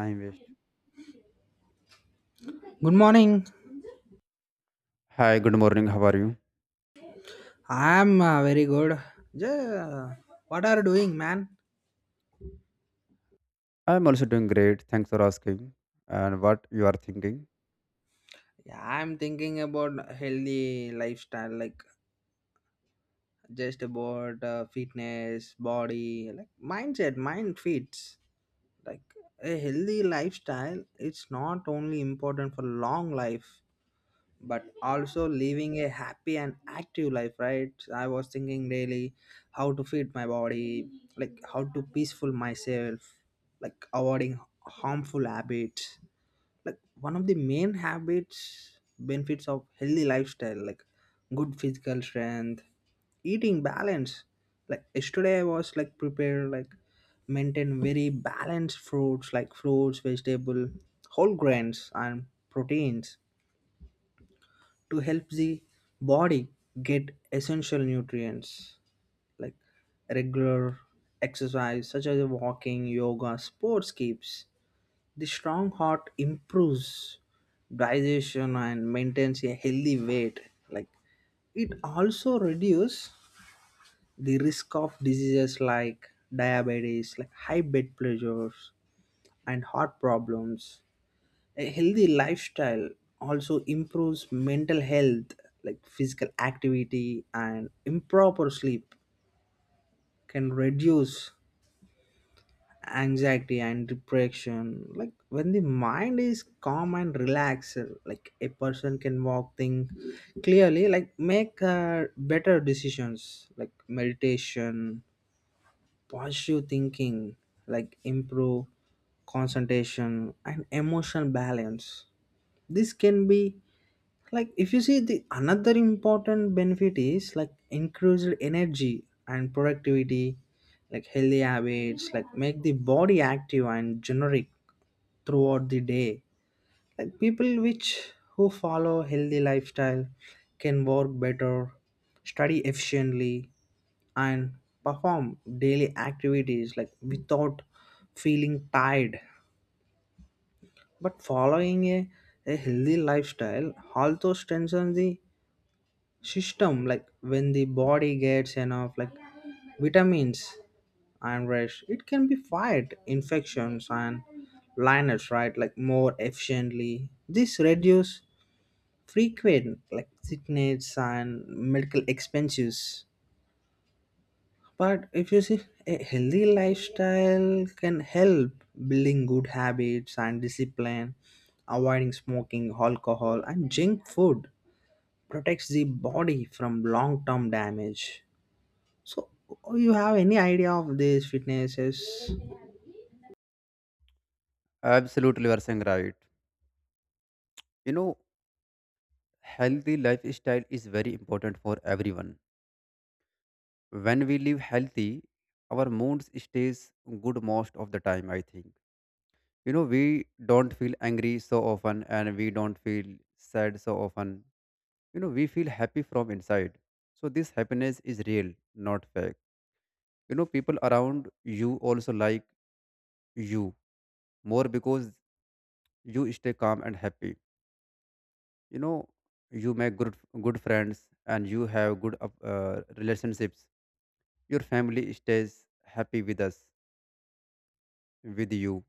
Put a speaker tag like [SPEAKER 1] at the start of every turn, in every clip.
[SPEAKER 1] I invest.
[SPEAKER 2] Good morning.
[SPEAKER 1] Hi, good morning. How are you?
[SPEAKER 2] I'm very good. Yeah, what are you doing, man?
[SPEAKER 1] I'm also doing great. Thanks for asking. And what you are thinking?
[SPEAKER 2] Yeah, I'm thinking about healthy lifestyle, like just about fitness, body, like mindset, mind fits. Like a healthy lifestyle, it's not only important for long life, but also living a happy and active life, right? I was thinking daily how to feed my body, like how to peaceful myself, like avoiding harmful habits. Like one of the main habits benefits of healthy lifestyle, like good physical strength, eating balance. Like yesterday I was like prepared like maintain very balanced fruits, like fruits, vegetable, whole grains, and proteins to help the body get essential nutrients. Like regular exercise such as walking, yoga, sports keeps the strong heart, improves digestion, and maintains a healthy weight. Like it also reduces the risk of diseases like diabetes, like high blood pressures, and heart problems. A healthy lifestyle also improves mental health, like physical activity and improper sleep can reduce anxiety and depression. Like when the mind is calm and relaxed, like a person can walk, think clearly, like make better decisions, like meditation, positive thinking, like improve concentration and emotional balance. This can be, like if you see, the another important benefit is like increased energy and productivity. Like healthy habits like make the body active and generic throughout the day. Like people which who follow healthy lifestyle can work better, study efficiently, and perform daily activities like without feeling tired. But following a healthy lifestyle also strengthens the system. Like when the body gets enough like vitamins and rest, it can be fight infections and liners, right? Like more efficiently. This reduce frequent like sickness and medical expenses. But if you see, a healthy lifestyle can help building good habits and discipline, avoiding smoking, alcohol, and junk food protects the body from long term damage. So, you have any idea of these fitnesses?
[SPEAKER 1] Absolutely, you are saying right. You know, healthy lifestyle is very important for everyone. When we live healthy, our mood stays good most of the time, I think. You know, we don't feel angry so often and we don't feel sad so often. You know, we feel happy from inside. So this happiness is real, not fake. You know, people around you also like you more because you stay calm and happy. You know, you make good friends and you have good relationships. Your family stays happy with us, with you.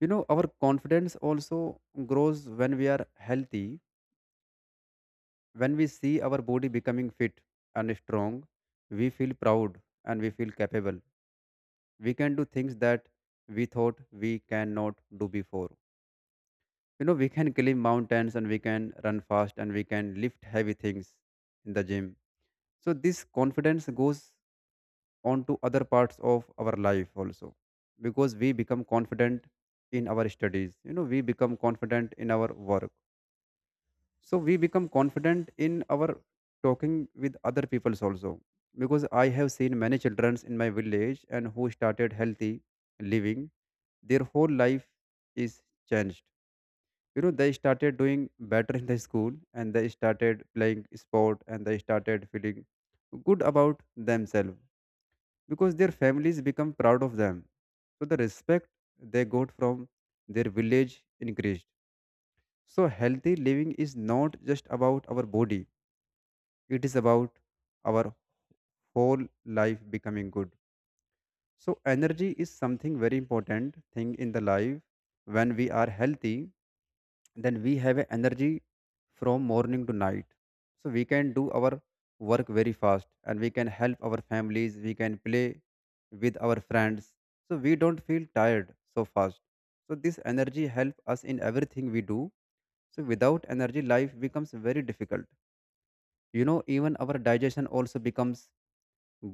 [SPEAKER 1] You know, our confidence also grows when we are healthy. When we see our body becoming fit and strong, we feel proud and we feel capable. We can do things that we thought we cannot do before. You know, we can climb mountains and we can run fast and we can lift heavy things in the gym. So this confidence goes on to other parts of our life also, because we become confident in our studies. You know, we become confident in our work. So we become confident in our talking with other peoples also. Because I have seen many children in my village and who started healthy living, their whole life is changed. You know, they started doing better in the school and they started playing sport and they started feeling good about themselves, because their families become proud of them. So the respect they got from their village increased. So healthy living is not just about our body, it is about our whole life becoming good. So energy is something very important thing in the life. When we are healthy, then we have a energy from morning to night. So we can do our work very fast and we can help our families, we can play with our friends. So we don't feel tired so fast. So this energy help us in everything we do. So without energy life becomes very difficult. You know, even our digestion also becomes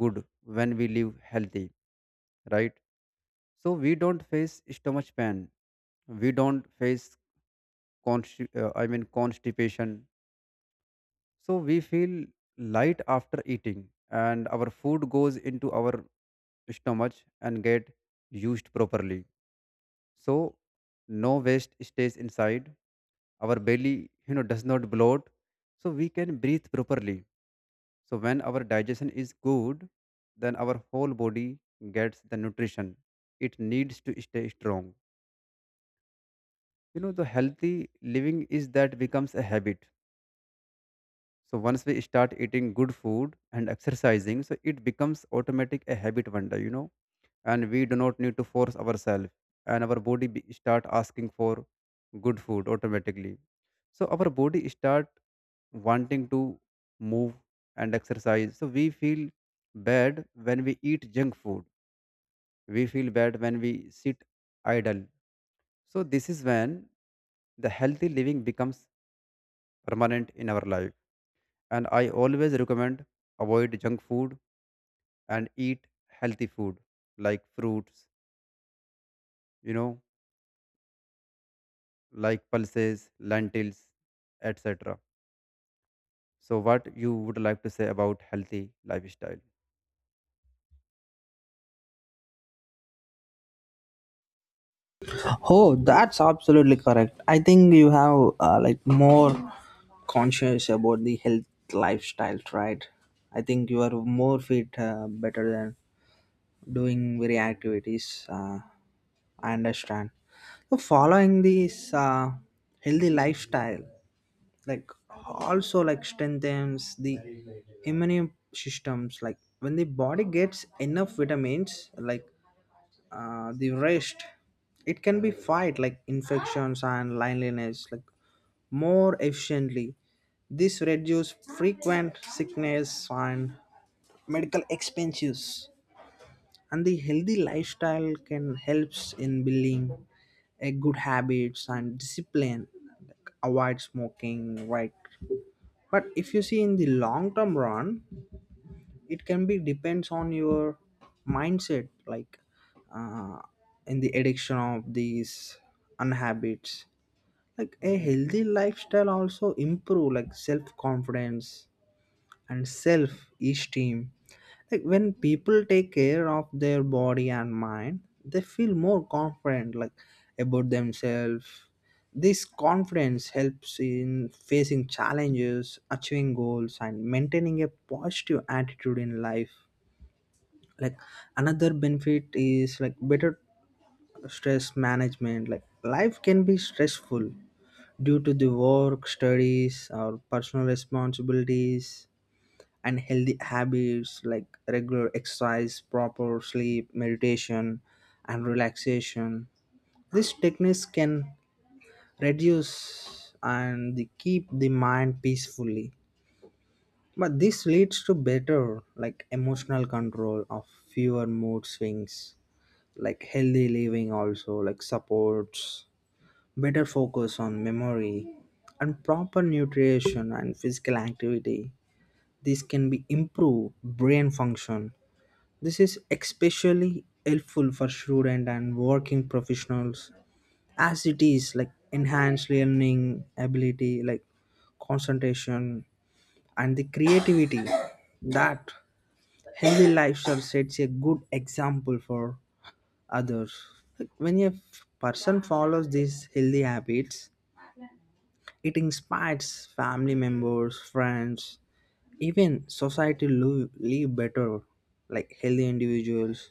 [SPEAKER 1] good when we live healthy, right? So we don't face stomach pain, we don't face constipation So we feel light after eating, and our food goes into our stomach and get used properly. So no waste stays inside. Our belly, you know, does not bloat, so we can breathe properly. So when our digestion is good, then our whole body gets the nutrition it needs to stay strong. You know, the healthy living is that becomes a habit. So once we start eating good food and exercising, so it becomes automatic a habit one day, you know, and we do not need to force ourselves, and our body start asking for good food automatically. So our body start wanting to move and exercise. So we feel bad when we eat junk food. We feel bad when we sit idle. So this is when the healthy living becomes permanent in our life, and I always recommend avoid junk food and eat healthy food like fruits, you know, like pulses, lentils, etc. So, what you would like to say about healthy lifestyle?
[SPEAKER 2] Oh, that's absolutely correct. I think you have like more conscious about the health lifestyle, right? I think you are more fit, better than doing very activities. I understand. So following this healthy lifestyle, like also like strengthens the immune systems. Like when the body gets enough vitamins, like the rest, it can be fight like infections and loneliness like more efficiently. This reduce frequent sickness and medical expenses, and the healthy lifestyle can helps in building a good habits and discipline, like avoid smoking, right? But if you see in the long term run, it can be depends on your mindset, like uh, in the addiction of these unhabits. Like a healthy lifestyle also improve like self confidence and self esteem. Like when people take care of their body and mind, they feel more confident like about themselves. This confidence helps in facing challenges, achieving goals, and maintaining a positive attitude in life. Like another benefit is like better stress management. Like life can be stressful due to the work, studies, or personal responsibilities, and healthy habits like regular exercise, proper sleep, meditation, and relaxation. These techniques can reduce and they keep the mind peacefully. But this leads to better, like emotional control of fewer mood swings, like healthy living, also, like supports, better focus on memory, and proper nutrition and physical activity. This can be improve brain function. This is especially helpful for students and working professionals as it is like enhanced learning ability, like concentration and the creativity. That healthy lifestyle sets a good example for others. Like, when a person follows these healthy habits, it inspires family members, friends, even society to live better, like healthy individuals,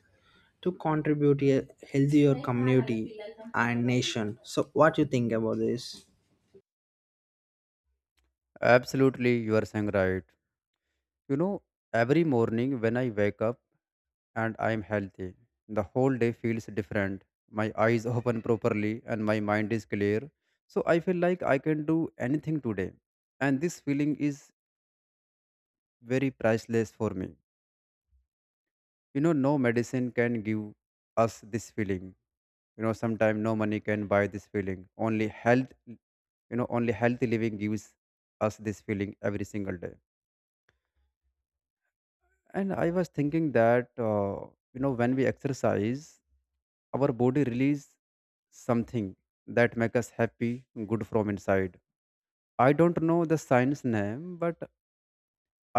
[SPEAKER 2] to contribute a healthier community and nation. So, what you think about this?
[SPEAKER 1] Absolutely, you are saying right. You know, every morning when I wake up and I am healthy, the whole day feels different. My eyes open properly and my mind is clear. So I feel like I can do anything today. And this feeling is very priceless for me. You know, no medicine can give us this feeling. You know, sometimes no money can buy this feeling, only health. You know, only healthy living gives us this feeling every single day. And I was thinking that, you know, when we exercise our body release something that make us happy, good from inside. I don't know the science name, but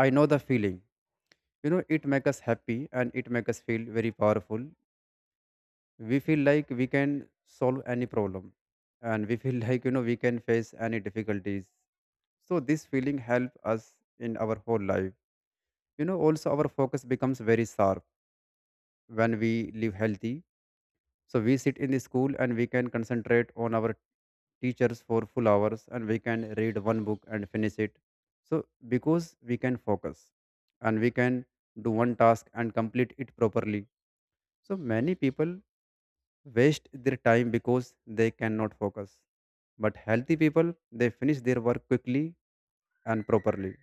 [SPEAKER 1] I know the feeling. You know, it make us happy and it make us feel very powerful. We feel like we can solve any problem, and we feel like, you know, we can face any difficulties. So this feeling help us in our whole life. You know, also our focus becomes very sharp when we live healthy. So we sit in the school and we can concentrate on our teachers for full hours, and we can read one book and finish it. So because we can focus, and we can do one task and complete it properly. So many people waste their time because they cannot focus. But healthy people, they finish their work quickly and properly.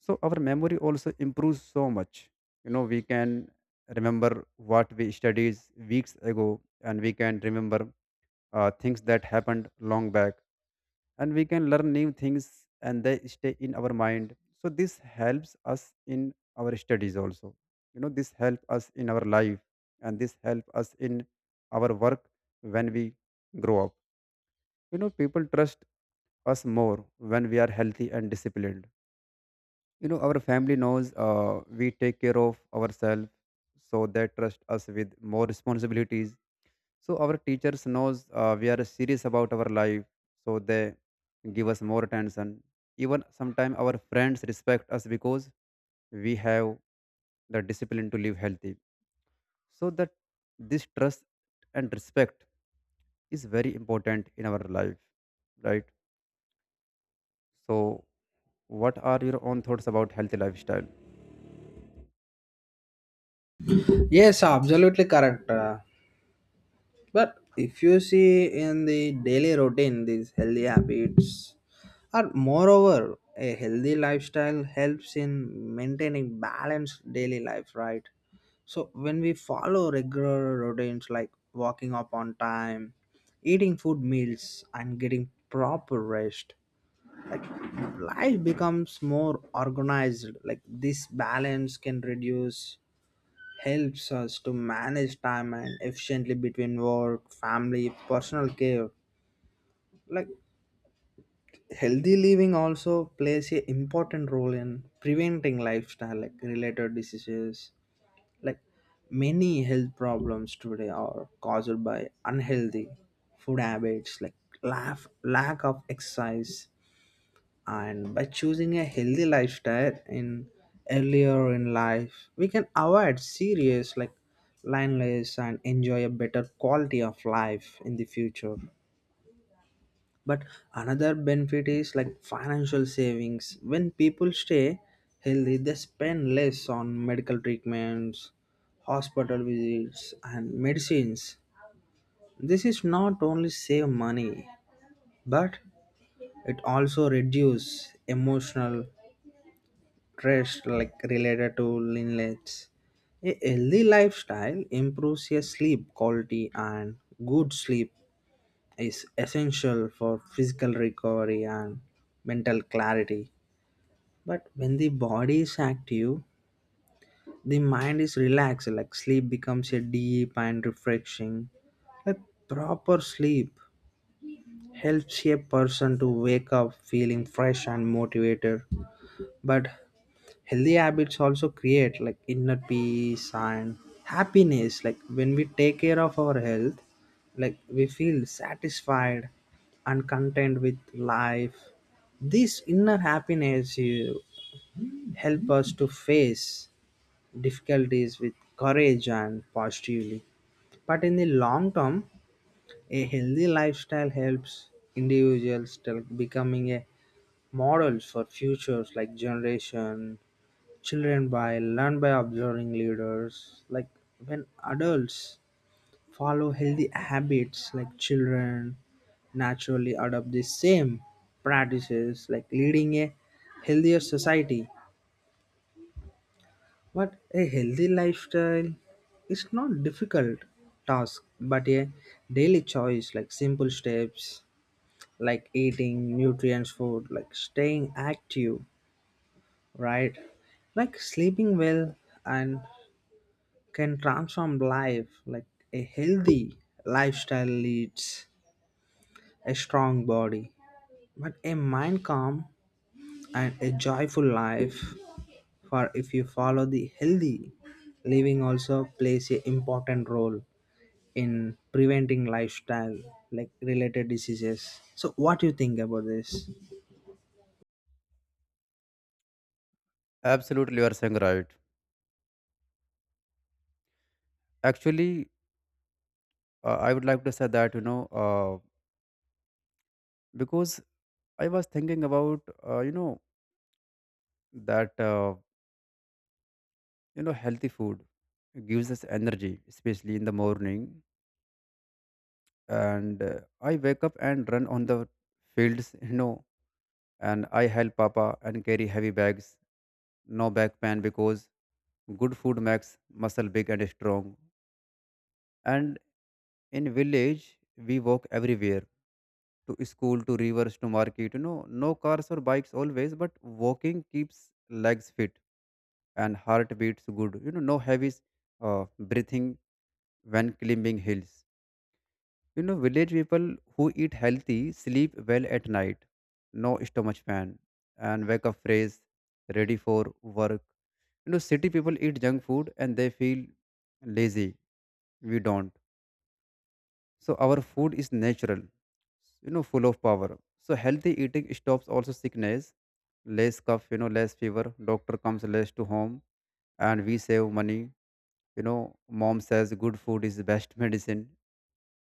[SPEAKER 1] So our memory also improves so much. You know, we can remember what we studied weeks ago, and we can remember things that happened long back, and we can learn new things and they stay in our mind. So this helps us in our studies also. You know, this help us in our life, and this help us in our work when we grow up. You know, people trust us more when we are healthy and disciplined. You know, our family knows we take care of ourselves, so they trust us with more responsibilities. So our teachers knows we are serious about our life, so they give us more attention. Even sometimes our friends respect us because we have the discipline to live healthy. So that this trust and respect is very important in our life, right? So what are your own thoughts about healthy lifestyle?
[SPEAKER 2] Yes, absolutely correct. But if you see in the daily routine, these healthy habits are moreover a healthy lifestyle helps in maintaining balanced daily life, right? So when we follow regular routines like walking up on time, eating food meals, and getting proper rest, like life becomes more organized. Like this balance can reduce helps us to manage time and efficiently between work, family, personal care. Like healthy living also plays a important role in preventing lifestyle like related diseases. Like many health problems today are caused by unhealthy food habits like laugh, lack of exercise, and by choosing a healthy lifestyle in earlier in life, we can avoid serious like loneliness and enjoy a better quality of life in the future. But another benefit is like financial savings. When people stay healthy, they spend less on medical treatments, hospital visits, and medicines. This is not only save money, but it also reduce emotional stress like related to lineages. A healthy lifestyle improves your sleep quality, and good sleep is essential for physical recovery and mental clarity. But when the body is active, the mind is relaxed, like sleep becomes a deep and refreshing. A proper sleep helps a person to wake up feeling fresh and motivated. But healthy habits also create like inner peace and happiness. Like when we take care of our health, like we feel satisfied and content with life. This inner happiness help us to face difficulties with courage and positively. But in the long term, a healthy lifestyle helps individuals to becoming a models for futures like generation. Children by learn by observing leaders. Like when adults follow healthy habits, like children naturally adopt the same practices, like leading a healthier society. But a healthy lifestyle is not difficult task, but a daily choice, like simple steps, like eating nutrients food, like staying active, right? Like sleeping well and can transform life like a healthy lifestyle leads a strong body but a mind calm and a joyful life. For if you follow the healthy living also plays a important role in preventing lifestyle like related diseases. So what do you think about this?
[SPEAKER 1] Absolutely, you are saying right. Actually, I would like to say that, you know, uh, because I was thinking about, you know, that. You know, healthy food gives us energy, especially in the morning. And I wake up and run on the fields, you know, and I help Papa and carry heavy bags. No back pain because good food makes muscle big and strong. And in village, we walk everywhere, to school, to rivers, to market. You know, no cars or bikes always, but walking keeps legs fit. And heart beats good. You know, no heavy breathing when climbing hills. You know, village people who eat healthy sleep well at night, no stomach pain, and wake up fresh, ready for work. You know, city people eat junk food and they feel lazy. We don't. So our food is natural, you know, full of power. So healthy eating stops also sickness, less cough, you know, less fever. Doctor comes less to home, and we save money. You know, mom says good food is the best medicine,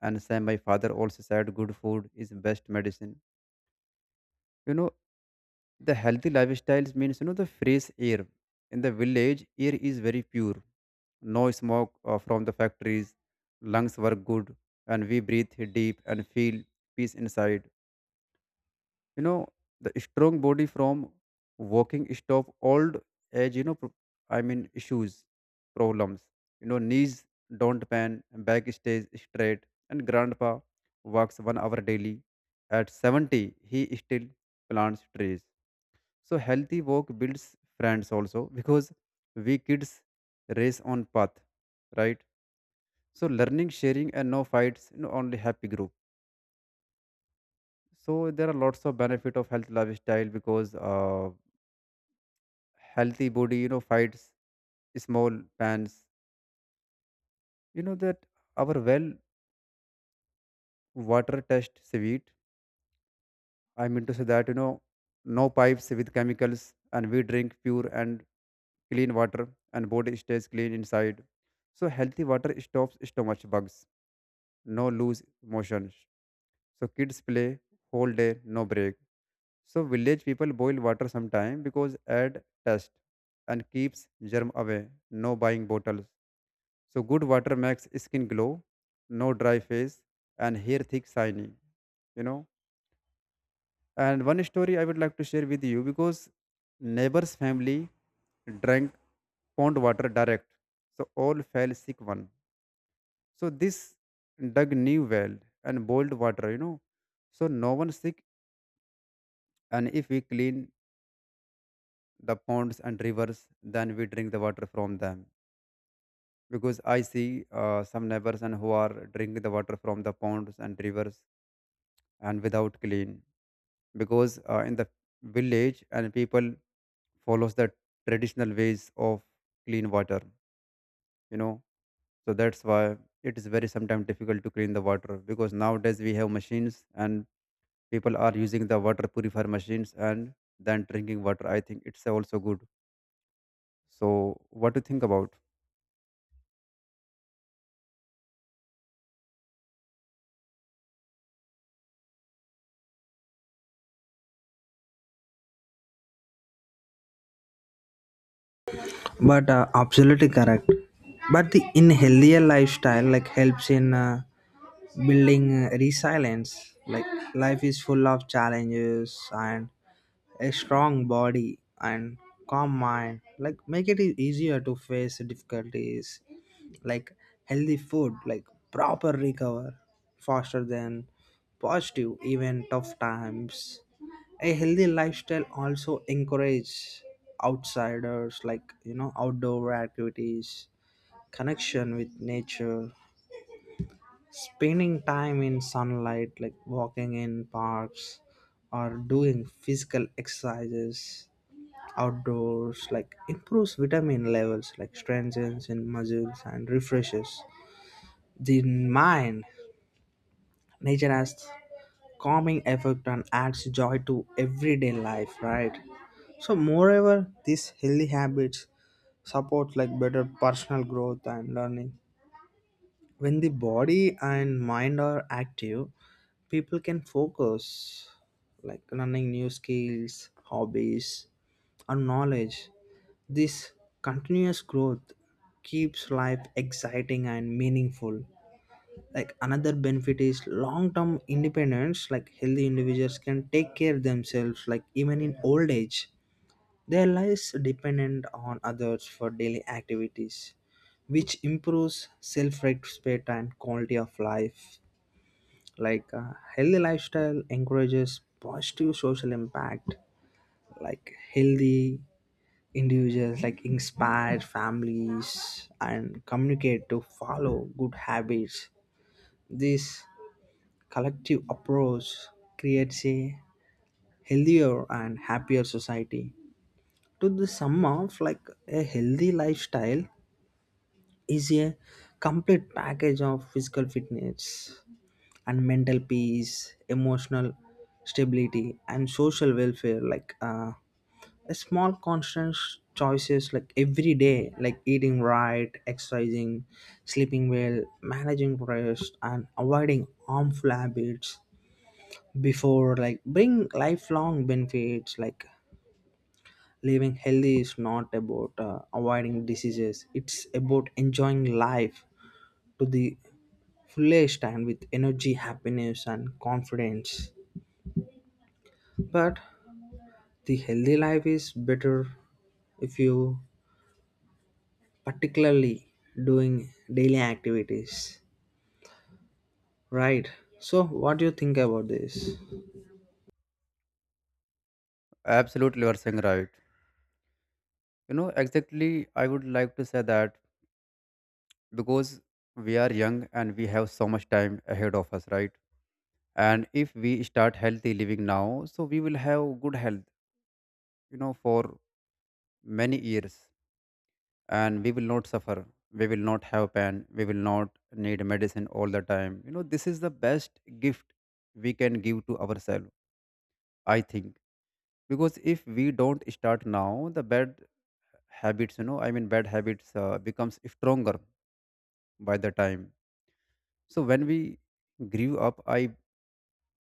[SPEAKER 1] and same my father also said good food is best medicine. You know, the healthy lifestyles means, you know, the fresh air. In the village air is very pure, no smoke from the factories. Lungs work good, and we breathe deep and feel peace inside. You know, the strong body from walking stop old age, you know, issues problems. You know, knees don't pan, back stays straight, and grandpa walks 1 hour daily. At 70 he still plants trees. So healthy walk builds friends also, because we kids race on path, right? So learning, sharing, and no fights. You know, only happy group. So there are lots of benefit of health lifestyle, because healthy body, you know, fights small pans. You know, that our well water test sweet. I mean to say that, you know, no pipes with chemicals, and we drink pure and clean water, and body stays clean inside. So healthy water stops stomach bugs, no loose motions. So kids play whole day, no break. So village people boil water sometime because add test and keeps germ away, no buying bottles. So good water makes skin glow, no dry face, and hair thick shiny. You know. And one story I would like to share with you, because neighbor's family drank pond water direct, so all fell sick one. So this dug new well and boiled water. You know. So no one sick, and if we clean the ponds and rivers, then we drink the water from them. Because I see some neighbors and who are drinking the water from the ponds and rivers and without clean because in the village and people follows the traditional ways of clean water you know so that's why it is very sometimes difficult to clean the water because nowadays we have machines and people are using the water purifier machines and then drinking water, I think it's also good. So what do you think about?
[SPEAKER 2] But absolutely correct. But the in healthier lifestyle like helps in building resilience. Like life is full of challenges, and a strong body and calm mind like make it easier to face difficulties. Like healthy food like proper recover faster than positive even tough times. A healthy lifestyle also encourages outsiders like, you know, outdoor activities, connection with nature, spending time in sunlight, like walking in parks or doing physical exercises outdoors, like improves vitamin levels, like strengthens in muscles and refreshes the mind. Nature has calming effect and adds joy to everyday life, right? So moreover these healthy habits support like better personal growth and learning. When the body and mind are active, people can focus like learning new skills, hobbies, or knowledge. This continuous growth keeps life exciting and meaningful. Like another benefit is long term independence. Like healthy individuals can take care themselves like even in old age, their lives dependent on others for daily activities, which improves self respect and quality of life. Like a healthy lifestyle encourages positive social impact, like healthy individuals like inspire families and communicate to follow good habits. This collective approach creates a healthier and happier society. To the sum of, like a healthy lifestyle is a complete package of physical fitness and mental peace, emotional stability, and social welfare. Like a small constant choices like every day, like eating right, exercising, sleeping well, managing rest, and avoiding harmful habits before like bring lifelong benefits. Like living healthy is not about avoiding diseases, it's about enjoying life to the fullest and with energy, happiness, and confidence. But the healthy life is better if you particularly doing daily activities, right? So what do you think about this?
[SPEAKER 1] Absolutely, you are saying right. You know, exactly, I would like to say that because we are young and we have so much time ahead of us, right? And if we start healthy living now, so we will have good health, you know, for many years. And we will not suffer, we will not have pain, we will not need medicine all the time. You know, this is the best gift we can give to ourselves, I think. Because if we don't start now, the bad habits, you know, I mean bad habits becomes stronger by the time. So when we grew up, I,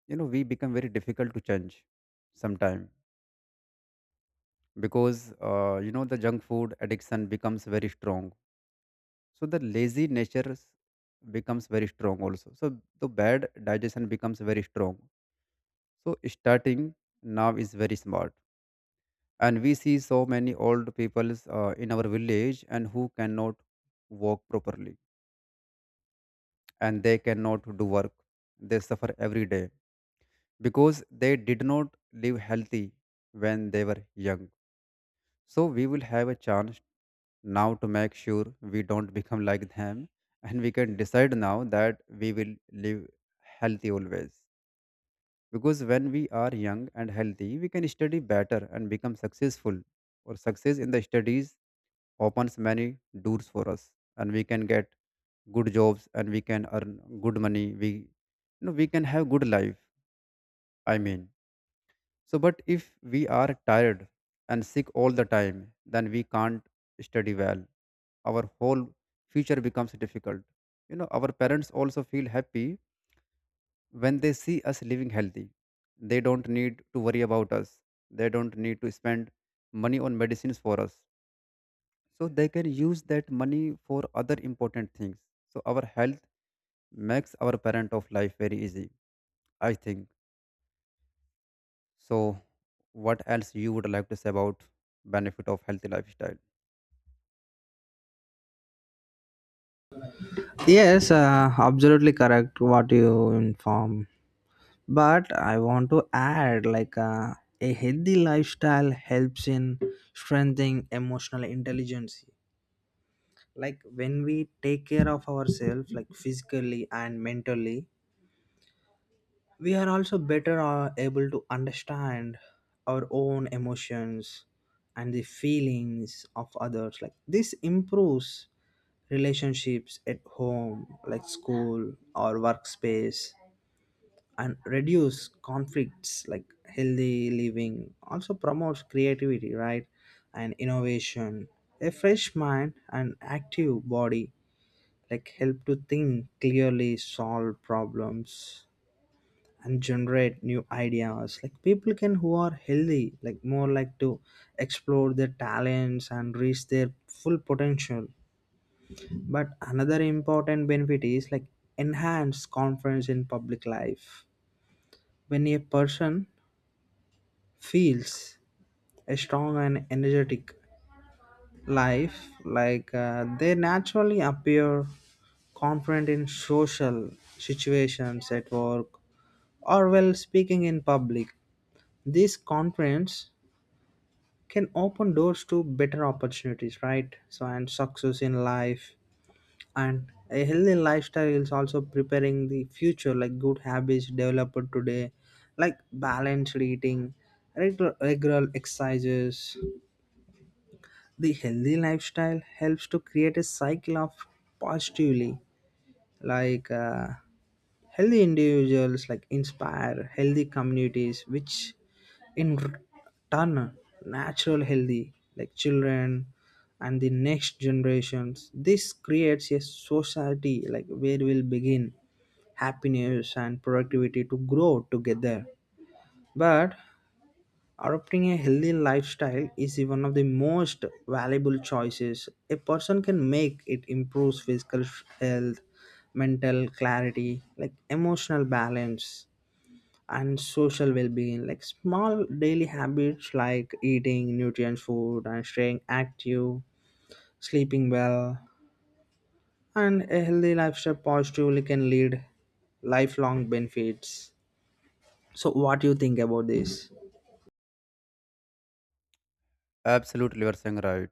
[SPEAKER 1] you know, we become very difficult to change sometime. Because you know, the junk food addiction becomes very strong. So the lazy nature becomes very strong also. So the bad digestion becomes very strong. So starting now is very smart. And we see so many old people in our village and who cannot walk properly, and they cannot do work. They suffer every day because they did not live healthy when they were young. So we will have a chance now to make sure we don't become like them. And we can decide now that we will live healthy always. Because when we are young and healthy, we can study better and become successful, or success in the studies opens many doors for us. And we can get good jobs and we can earn good money. We, you know, we can have good life, I mean. So but if we are tired and sick all the time, then we can't study well. Our whole future becomes difficult. You know, our parents also feel happy when they see us living healthy. They don't need to worry about us. They don't need to spend money on medicines for us, so they can use that money for other important things. So our health makes our parent of life very easy, I think. So what else you would like to say about benefit of healthy lifestyle?
[SPEAKER 2] Yes, absolutely correct what you inform. But I want to add like a healthy lifestyle helps in strengthening emotional intelligence. Like when we take care of ourselves like physically and mentally, we are also better able to understand our own emotions and the feelings of others. Like this improves relationships at home, like school or workspace, and reduce conflicts. Like healthy living also promotes creativity, right? And innovation. A fresh mind and active body like help to think clearly, solve problems, and generate new ideas. Like people can who are healthy like more like to explore their talents and reach their full potential. But another important benefit is like enhance confidence in public life. When a person feels a strong and energetic life, like they naturally appear confident in social situations at work or while speaking in public. This confidence can open doors to better opportunities, right? So and success in life. And a healthy lifestyle is also preparing the future, like good habits developed today, like balanced eating, regular exercises. The healthy lifestyle helps to create a cycle of positively, like healthy individuals like inspire healthy communities, which in r- turn natural healthy like children and the next generations. This creates a society like where will begin happiness and productivity to grow together. But adopting a healthy lifestyle is one of the most valuable choices a person can make. It improves physical health, mental clarity, like emotional balance, and social well being. Like small daily habits like eating nutrient food and staying active, sleeping well, and a healthy lifestyle positively can lead lifelong benefits. So, what do you think about this?
[SPEAKER 1] Absolutely, you are saying right.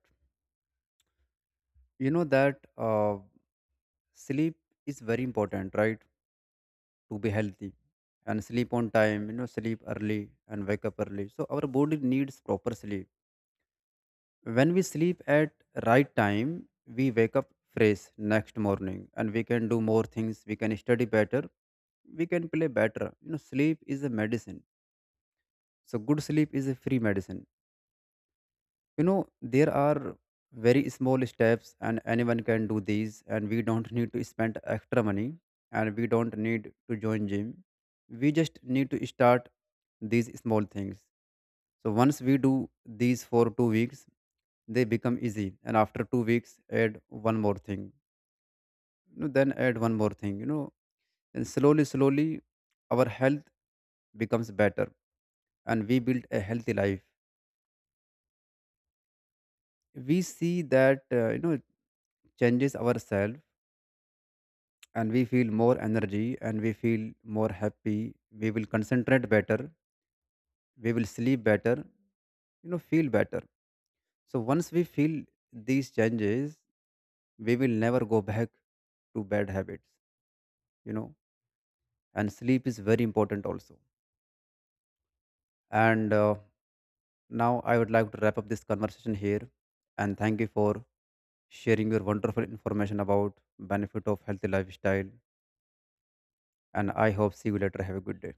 [SPEAKER 1] You know that sleep is very important, right? To be healthy and sleep on time. You know, sleep early and wake up early. So our body needs proper sleep. When we sleep at right time, we wake up fresh next morning and we can do more things. We can study better, we can play better. You know, sleep is a medicine. So good sleep is a free medicine. You know, there are very small steps, and anyone can do these. And we don't need to spend extra money, and we don't need to join gym. We just need to start these small things. So once we do these for 2 weeks, they become easy. And after 2 weeks, add one more thing. You know, then add one more thing. You know, and slowly, slowly, our health becomes better, and we build a healthy life. We see that, you know, changes ourselves. And we feel more energy and we feel more happy. We will concentrate better, we will sleep better, you know, feel better. So once we feel these changes, we will never go back to bad habits, you know. And sleep is very important also. And now I would like to wrap up this conversation here and thank you for sharing your wonderful information about benefit of healthy lifestyle. And I hope see you later. Have a good day.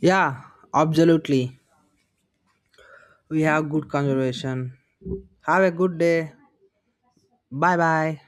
[SPEAKER 2] Yeah, absolutely. We have good conservation. Have a good day. Bye bye.